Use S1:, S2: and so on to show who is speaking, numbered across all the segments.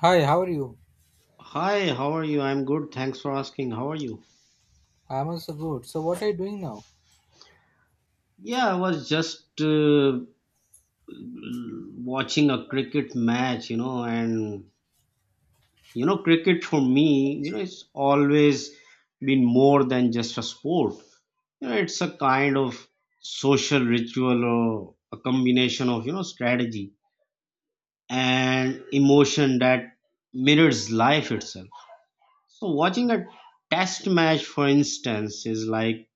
S1: Hi, how are you?
S2: Hi, how are you? I'm good. Thanks for asking. How are you?
S1: I'm also good. So, what are you doing now?
S2: Yeah, I was just watching a cricket match, and cricket for me, it's always been more than just a sport. It's a kind of social ritual or a combination of, strategy and emotion that mirrors life itself. So watching a test match, for instance, is like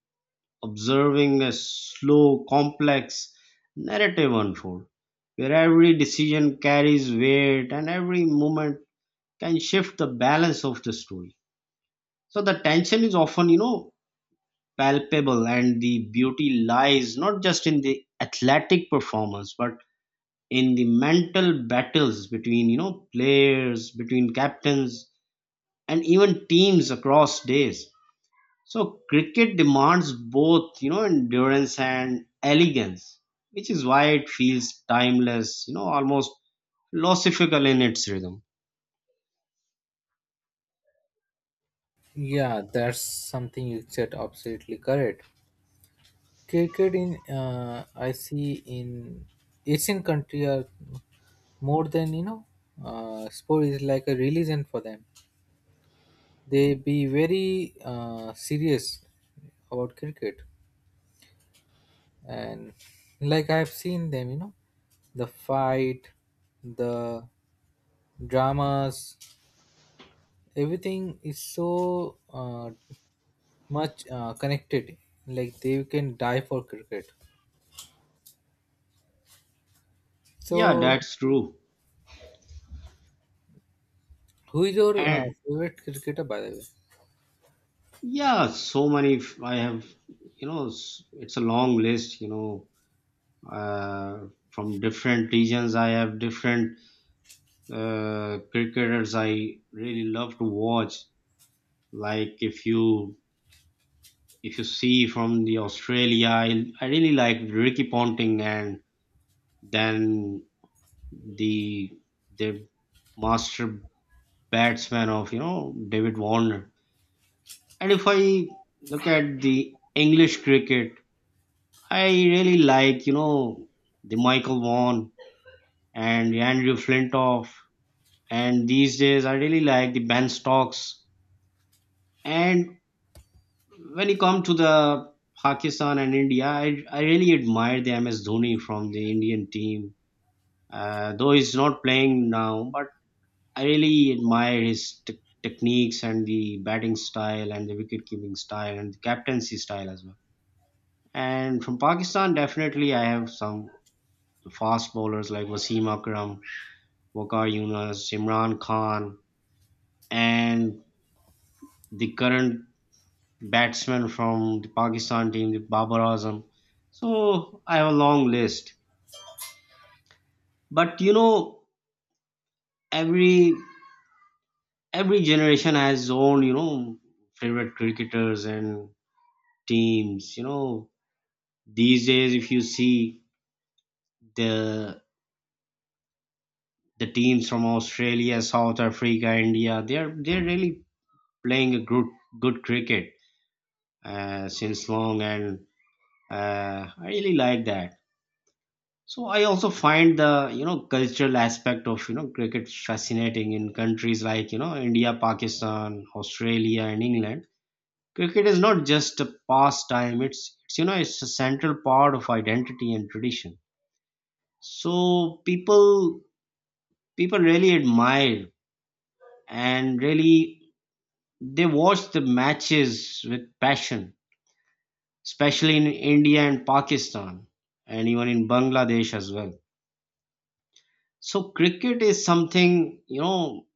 S2: observing a slow, complex narrative unfold, where every decision carries weight and every moment can shift the balance of the story. So the tension is often, palpable, and the beauty lies not just in the athletic performance, but in the mental battles between, players, between captains, and even teams across days. So cricket demands both, endurance and elegance, which is why it feels timeless, almost philosophical in its rhythm.
S1: Yeah, that's something you said absolutely correct. Cricket in I see in Asian country are more than you know sport is like a religion for them. They be very serious about cricket, and like I've seen them, you know, the fight, the dramas, everything is so much connected. Like they can die for cricket.
S2: Yeah,
S1: So,
S2: that's true.
S1: who is your
S2: And
S1: favorite cricketer, by the way?
S2: yeah, I have, it's a long list, from different regions. I have different cricketers I really love to watch. Like if you see from the Australia, I really like Ricky Ponting, and then the the master batsman of, David Warner. And if I look at the English cricket, I really like, the Michael Vaughan and the Andrew Flintoff, and these days I really like the Ben Stokes. And when you come to the Pakistan and India, I really admire the MS Dhoni from the Indian team. Though he's not playing now, but I really admire his techniques and the batting style and the wicket keeping style and the captaincy style as well. And from Pakistan, definitely I have some fast bowlers like Wasim Akram, Wakar Yunus, Imran Khan, and the current batsman from the Pakistan team, the Babar Azam. So I have a long list. But, every every generation has its own, favorite cricketers and teams. These days if you see the the teams from Australia, South Africa, India, they're really playing a good cricket since long, and I really like that. So I also find the, cultural aspect of, cricket fascinating in countries like, India, Pakistan, Australia and England. Cricket is not just a pastime, it's you know it's a central part of identity and tradition. So people really admire, and really they watch the matches with passion, especially in India and Pakistan and even in Bangladesh as well. So cricket is something,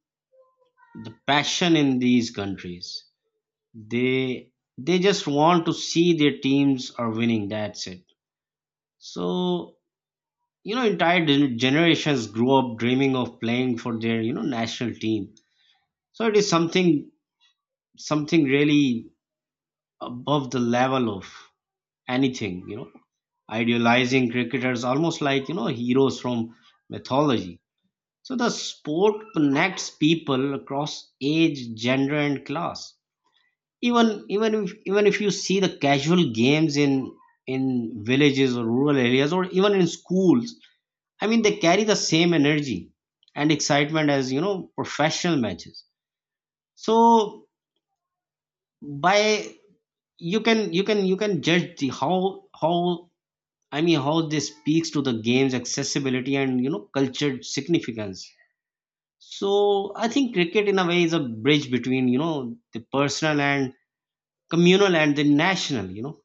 S2: the passion in these countries. They they just want to see their teams are winning, that's it. So, entire generations grew up dreaming of playing for their, national team, so it is something really above the level of anything, idealizing cricketers almost like, heroes from mythology. So the sport connects people across age, gender and class. Even if you see the casual games in villages or rural areas or even in schools, I mean, they carry the same energy and excitement as, professional matches. So, by you can judge the how I mean how this speaks to the game's accessibility and, cultured significance. So I think cricket in a way is a bridge between, the personal and communal and the national. You know,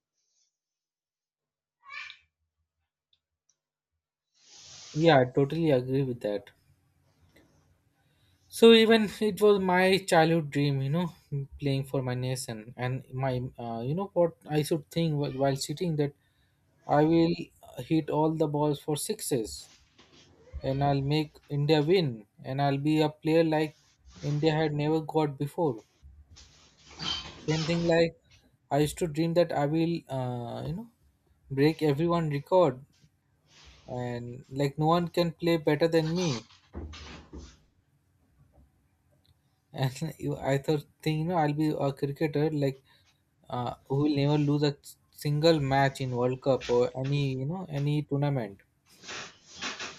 S1: Yeah, I totally agree with that. So even it was my childhood dream, you know, playing for my nation and my, you know, what I should think while sitting that I will hit all the balls for sixes and I'll make India win and I'll be a player like India had never got before. Same thing like I used to dream that I will, you know, break everyone record and like no one can play better than me. And you, think, you know, I'll be a cricketer like who will never lose a single match in World Cup or any, you know, any tournament.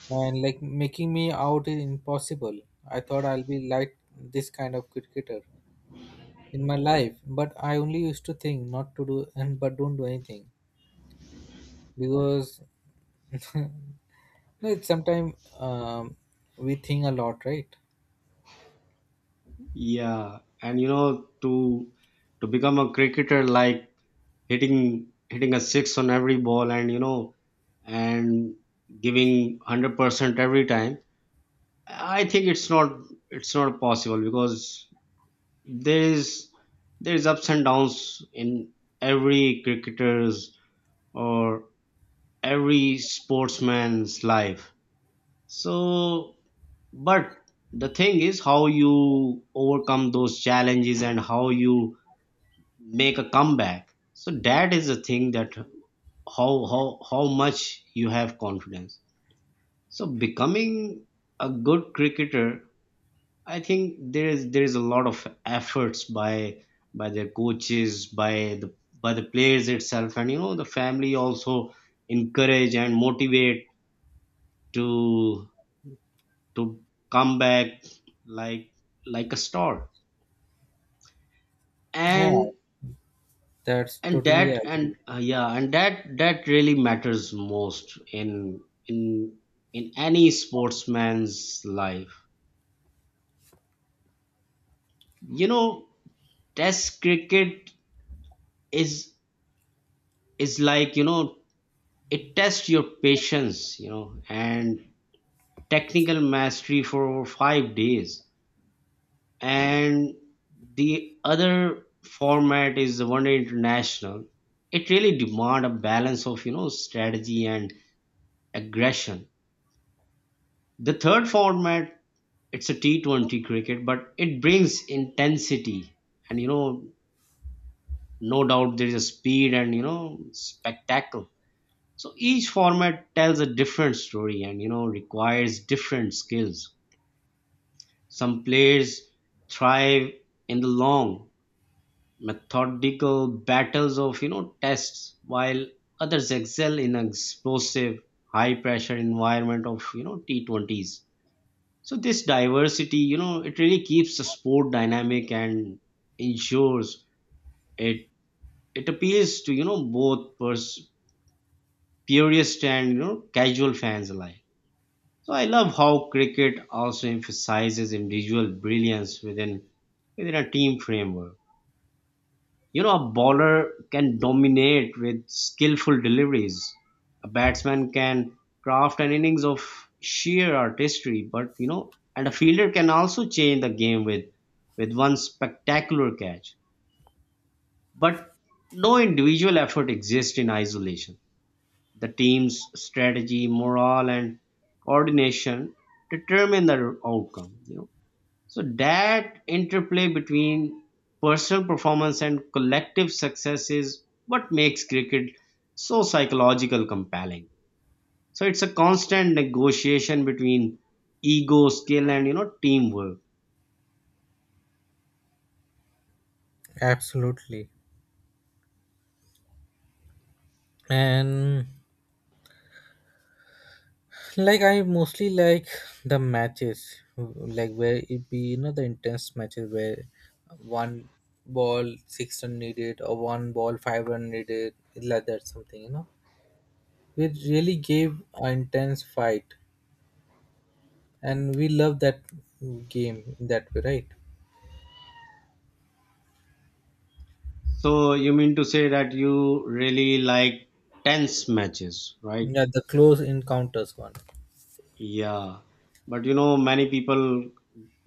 S1: And like making me out is impossible. I thought I'll be like this kind of cricketer in my life, but I only used to think not to do and but don't do anything because No, it's sometimes we think a lot, right?
S2: yeah, and, to become a cricketer like hitting a six on every ball, and and giving 100% every time, I think it's not possible, because there is there is ups and downs in every cricketer's or every sportsman's life. So, but the thing is how you overcome those challenges and how you make a comeback. So that is the thing, that how much you have confidence. So becoming a good cricketer, I think there is a lot of efforts by their coaches, by the players itself, and, the family also encourage and motivate to to come back like a star.
S1: Yeah,
S2: And
S1: that's
S2: and
S1: totally
S2: that and
S1: agree.
S2: yeah and that really matters most in in any sportsman's life. You know test cricket is is like, it tests your patience, and technical mastery for over 5 days. And the other format is the one day international. It really demand a balance of, strategy and aggression. The third format, it's a T20 cricket, but it brings intensity and, no doubt, there is a speed and, spectacle. So each format tells a different story and, requires different skills. Some players thrive in the long, methodical battles of, tests, while others excel in an explosive, high pressure environment of, T20s. So this diversity, it really keeps the sport dynamic and ensures it it appeals to, both purist and, casual fans alike. So I love how cricket also emphasizes individual brilliance within a team framework. A bowler can dominate with skillful deliveries. A batsman can craft an innings of sheer artistry, but, and a fielder can also change the game with one spectacular catch. But no individual effort exists in isolation. The team's strategy, morale, and coordination determine the outcome. So that interplay between personal performance and collective success is what makes cricket so psychological compelling. So it's a constant negotiation between ego, skill, and, teamwork.
S1: Absolutely. And like I mostly like the matches, like where it be you know the intense matches where one ball six run needed or one ball five run needed, like that something you know. We really gave an intense fight, and we love that game in that way, right?
S2: So you mean to say that you really like tense matches, right?
S1: Yeah, the close encounters one.
S2: Yeah, but, many people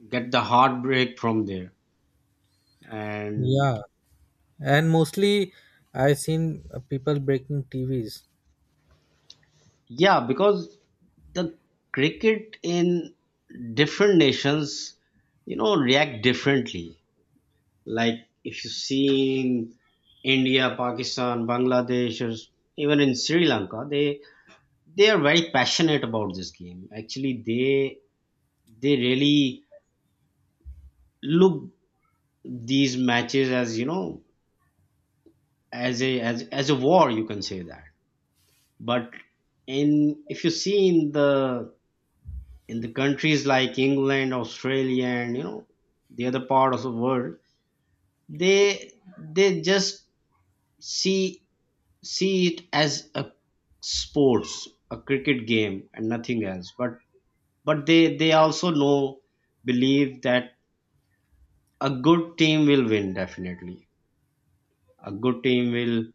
S2: get the heartbreak from there, and.
S1: Yeah, and mostly, I seen people breaking TVs.
S2: Yeah, because the cricket in different nations, react differently. Like if you see in India, Pakistan, Bangladesh, or even in Sri Lanka, they are very passionate about this game. Actually, they really look these matches as you know as a as as a war. You can say that, but in if you see in the countries like England, Australia, and, the other part of the world, they just see see it as a sports, a cricket game, and nothing else. But they also know believe that a good team will win definitely. A good team will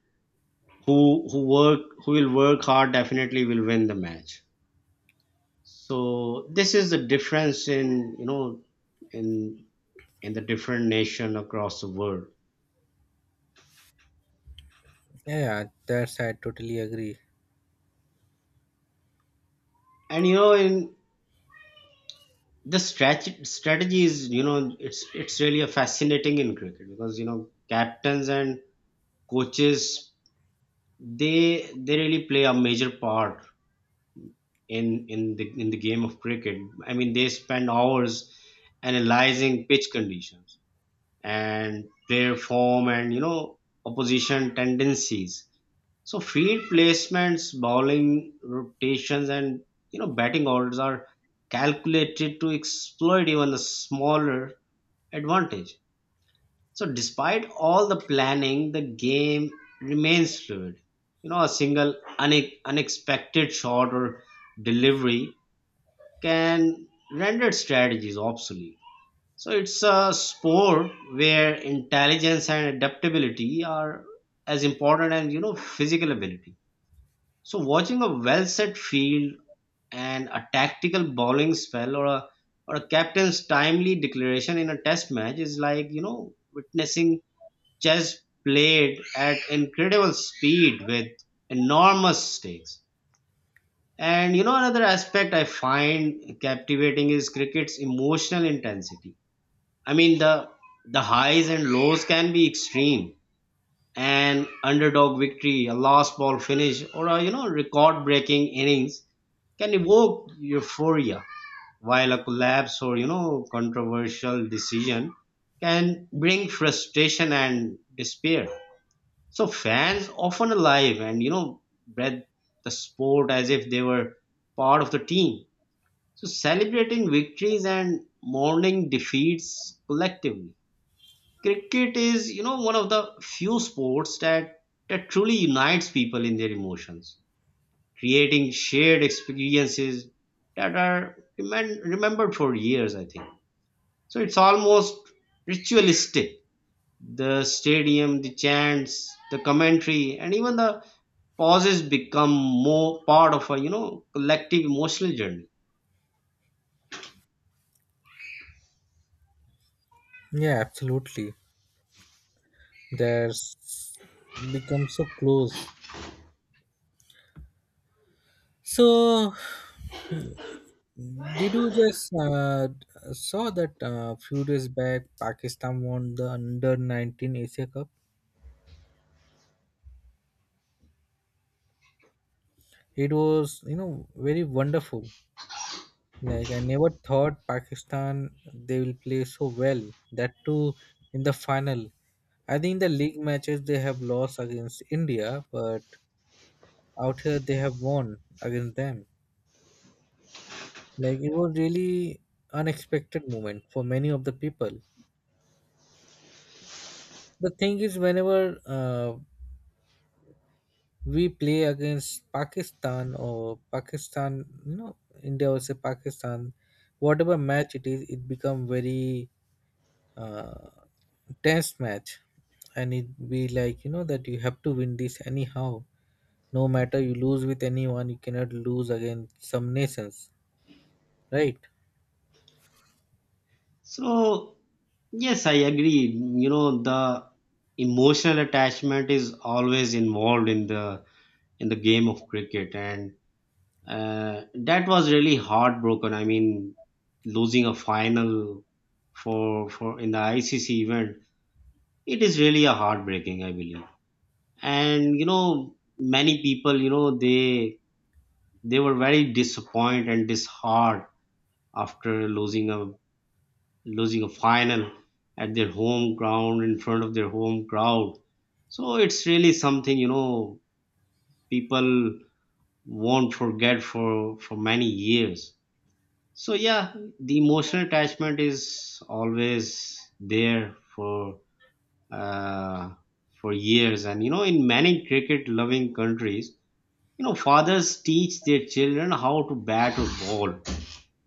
S2: who work who will work hard, definitely will win the match. So this is the difference in you know in in the different nation across the world.
S1: Yeah, yeah, that's I totally agree.
S2: And, in the strategy is, it's really a fascinating in cricket, because, captains and coaches, they really play a major part in the game of cricket. I mean, they spend hours analyzing pitch conditions and player form and, opposition tendencies. So field placements, bowling rotations, and, batting orders are calculated to exploit even the smaller advantage. So despite all the planning, the game remains fluid. A single unexpected shot or delivery can render strategies obsolete. So it's a sport where intelligence and adaptability are as important as, physical ability. So watching a well set field and a tactical bowling spell or a captain's timely declaration in a test match is like, witnessing chess played at incredible speed with enormous stakes. And, another aspect I find captivating is cricket's emotional intensity. I mean, the highs and lows can be extreme, an underdog victory, a last ball finish, or a, record-breaking innings can evoke euphoria, while a collapse or, controversial decision can bring frustration and despair. So fans often alive and, breathe the sport as if they were part of the team, so celebrating victories and mourning defeats collectively. Cricket is, one of the few sports that truly unites people in their emotions, creating shared experiences that are remembered for years, I think. So it's almost ritualistic, the stadium, the chants, the commentary, and even the pauses become more part of a, collective emotional journey.
S1: Yeah, absolutely. There's become so close. So, did you just saw that few days back Pakistan won the under 19 Asia Cup? It was, you know, very wonderful. Like I never thought Pakistan they will play so well. That too in the final. I think the league matches they have lost against India, but out here they have won against them. Like it was really unexpected moment for many of the people. The thing is, whenever we play against Pakistan or Pakistan, you know, India versus Pakistan, whatever match it is, it become very uh, test match and it be like you know that you have to win this anyhow, no matter you lose with anyone you cannot lose against some nations, right?
S2: So, yes, I agree. The emotional attachment is always involved in the game of cricket, and, that was really heartbroken. I mean, losing a final for in the ICC event, it is really a heartbreaking, I believe. And, many people, they were very disappointed and disheartened after losing a final at their home ground in front of their home crowd. So it's really something, people won't forget for many years. So yeah, the emotional attachment is always there uh, for years. And you know, in many cricket loving countries, you know, fathers teach their children how to bat or ball,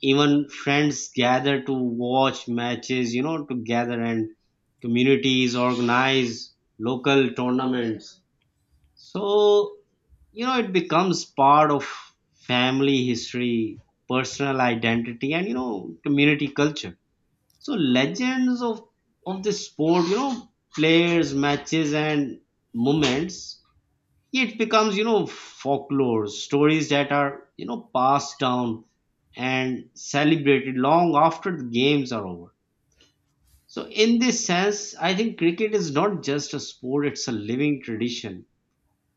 S2: even friends gather to watch matches, you know, together, and communities organize local tournaments. So, you know, it becomes part of family history, personal identity, and you know, community culture. So legends of this sport, you know, players, matches, and moments, it becomes, you know, folklore stories that are, you know, passed down and celebrated long after the games are over. So in this sense, I think cricket is not just a sport, it's a living tradition.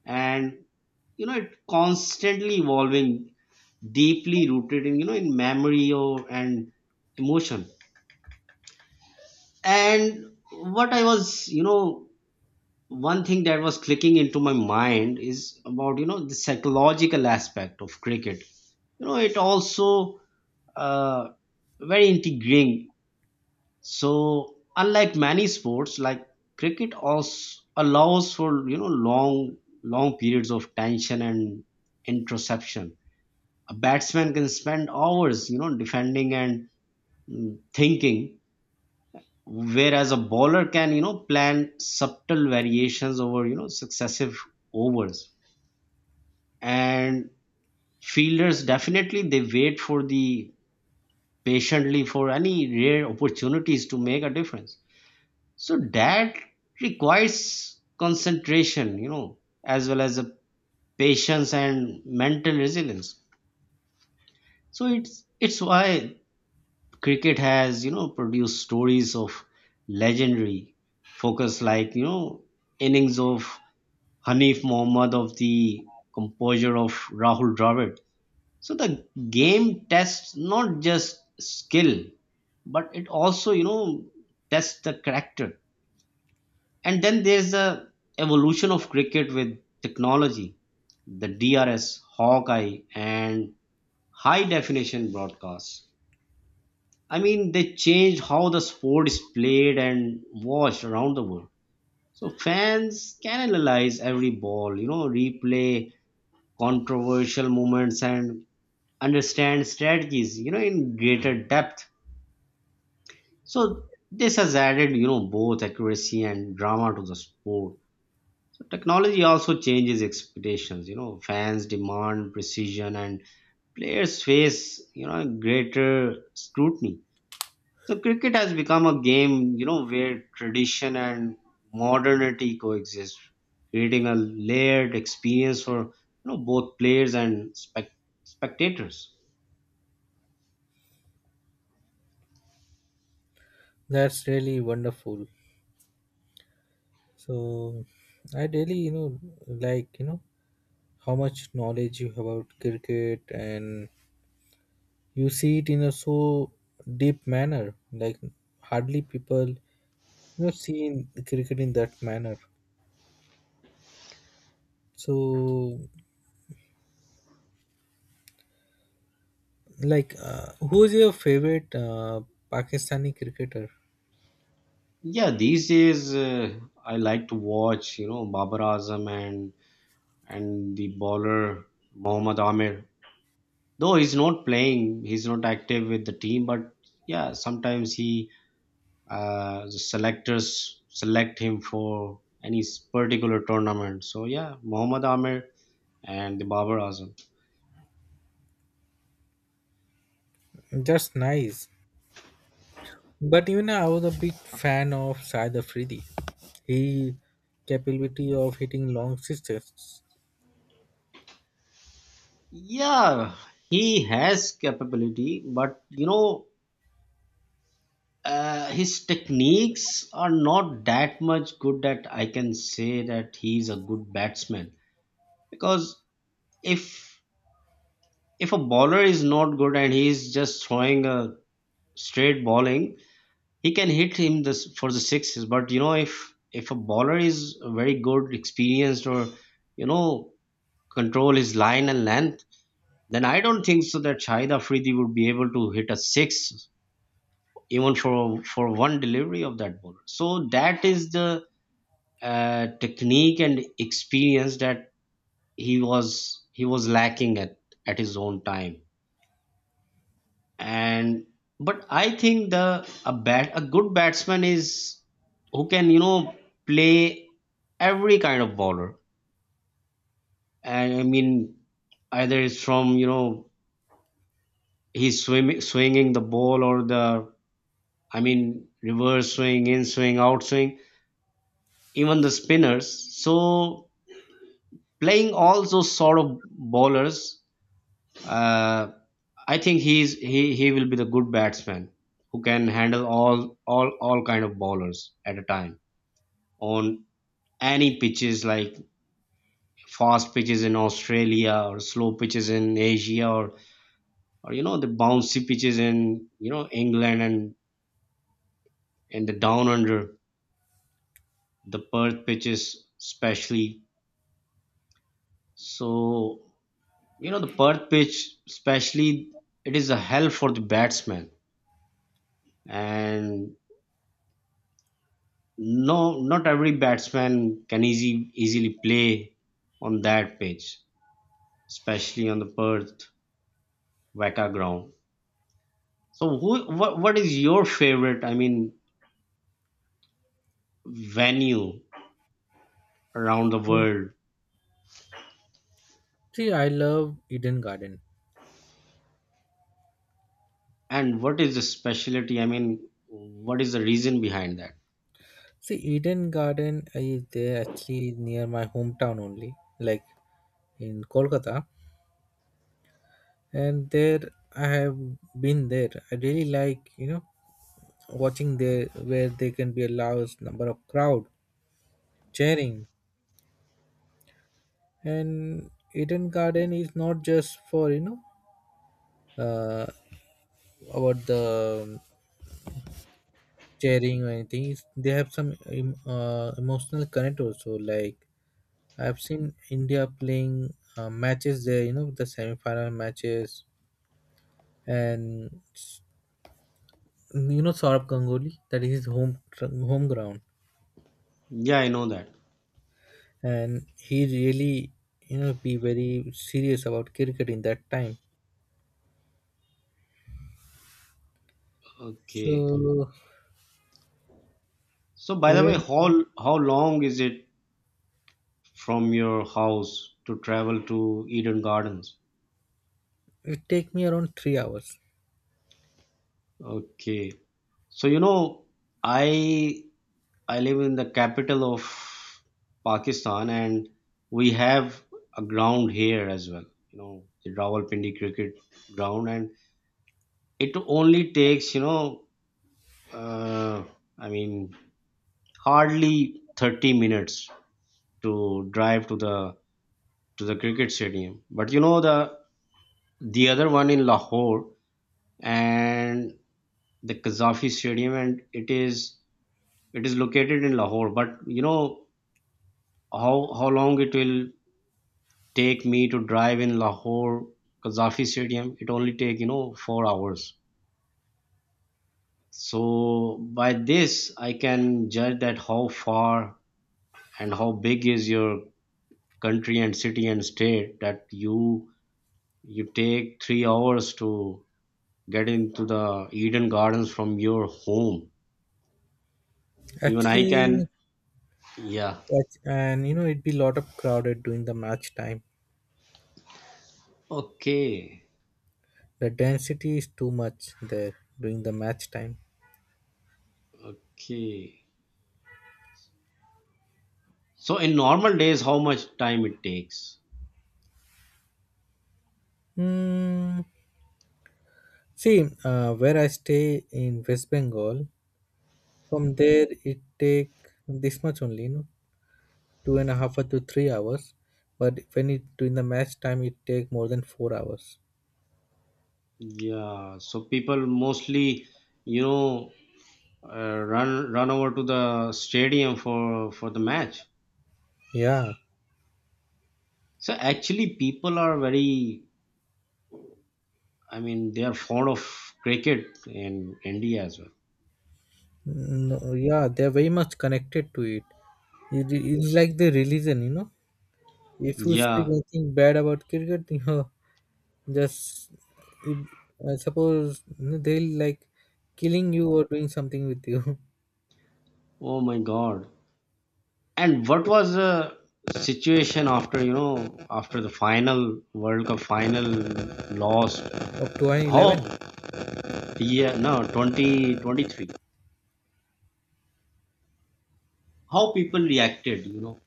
S2: And you know, it constantly evolving, deeply rooted in, you know, in memory or and emotion. And what I was, you know, one thing that was clicking into my mind is about, you know, the psychological aspect of cricket. You know, it also uh, very integrating. So unlike many sports, like cricket also allows for, you know, long long periods of tension and introspection. A batsman can spend hours, you know, defending and thinking, whereas a bowler can, you know, plan subtle variations over, you know, successive overs. And fielders, definitely they wait for the patiently for any rare opportunities to make a difference. So that requires concentration, you know, as well as a patience and mental resilience. So it's why cricket has, you know, produced stories of legendary focus, like, you know, innings of Hanif Mohammad, of the composure of Rahul Dravid. So the game tests not just skill, but it also, you know, tests the character. And then there's the evolution of cricket with technology, the DRS, Hawkeye, and high definition broadcasts. I mean, they changed how the sport is played and watched around the world. So fans can analyze every ball, you know, replay controversial movements and understand strategies, you know, in greater depth. So this has added, you know, both accuracy and drama to the sport. So technology also changes expectations, you know, fans demand precision and players face, you know, greater scrutiny. So cricket has become a game, you know, where tradition and modernity coexist, creating a layered experience for, you know, both players and spectators.
S1: That's really wonderful. So I really you know like you know how much knowledge you have about cricket and you see it in a so deep manner, like hardly people you know see in cricket in that manner. So like, who's your favorite Pakistani cricketer?
S2: Yeah, these days I like to watch, you know, Babar Azam and the bowler Mohammad Amir. Though he's not playing, he's not active with the team, but yeah, sometimes he the selectors select him for any particular tournament. So yeah, Mohammad Amir and the Babar Azam.
S1: Just nice. But even I was a big fan of Syed Afridi. He capability of hitting long sixes.
S2: Yeah, he has capability, but you know his techniques are not that much good that I can say that he's a good batsman. Because if a bowler is not good and he's just throwing a straight bowling, he can hit him this for the sixes. But you know, if a bowler is very good, experienced, or you know, control his line and length, then I don't think so that Shahid Afridi would be able to hit a six even for one delivery of that bowler. So that is the technique and experience that he was lacking at his own time. And but I think the a good batsman is who can, you know, play every kind of bowler. And I mean, either it's from, you know, swinging the ball or the, I mean, reverse swing, in swing, out swing, even the spinners. So playing all those sort of bowlers, Uh, I think he will be the good batsman who can handle all kind of bowlers at a time, on any pitches, like fast pitches in Australia or slow pitches in Asia, or you know, the bouncy pitches in, you know, England and the down under, the Perth pitches especially. So you know, the Perth pitch especially, it is a hell for the batsman. And no, not every batsman can easily play on that pitch, especially on the Perth Weka ground. So, what is your favorite, I mean, venue around the world,
S1: See, I love Eden Garden.
S2: and what is the specialty? I mean, what is the reason behind that?
S1: See, Eden Garden is there actually near my hometown only, like in Kolkata. And there I have been there. I really like, you know, watching there where they can be a large number of crowd sharing. And Eden Garden is not just for you know uh, about the sharing or anything. It's, they have some emotional connect also. Like I've seen India playing matches there. You know the semi-final matches and you know Saurabh Ganguly that is his home ground
S2: Yeah, I know that.
S1: and he really you know be very serious about cricket in that time.
S2: Okay.
S1: So
S2: So, by the way,
S1: even
S2: how long is it from your house to travel to Eden Gardens?
S1: it take me around 3 hours.
S2: Okay. So, you know, I I live in the capital of Pakistan, and we have a ground here as well. You know, the Rawalpindi cricket ground, and it only takes, you know, uh, I mean, hardly 30 minutes to drive to the cricket stadium. But you know, the other one in Lahore and the Qazafi Stadium, and it is located in Lahore. But you know, how long it will take me to drive in Lahore Qaddafi Stadium. It only take, you know, 4 hours. So by this, I can judge that how far and how big is your country and city and state, that you take 3 hours to get into the Eden Gardens from your home. Even I can,
S1: Actually,
S2: yeah.
S1: and you know, it'd be a lot of crowded during the match time.
S2: Okay,
S1: The density is too much there during the match time.
S2: okay. So in normal days, how much time it takes?
S1: Mm, see, where I stay in West Bengal, from there it take this much only, you know, two and a half or to 3 hours. But when it during the match time, it take more than 4 hours.
S2: Yeah, so people mostly, you know, run over to the stadium for the match.
S1: Yeah,
S2: So actually, people are very, I mean, they are fond of cricket in India as well.
S1: no, yeah, they're very much connected to it. It is like the religion, you know. If you speak
S2: Yeah.
S1: anything bad about cricket, you know, just if, I suppose they'll like killing you or doing something with you
S2: Oh my God. And what was the situation after, you know, after the final World Cup final loss?
S1: up to
S2: How,
S1: 111.
S2: yeah, no, 2023? How people reacted, you know?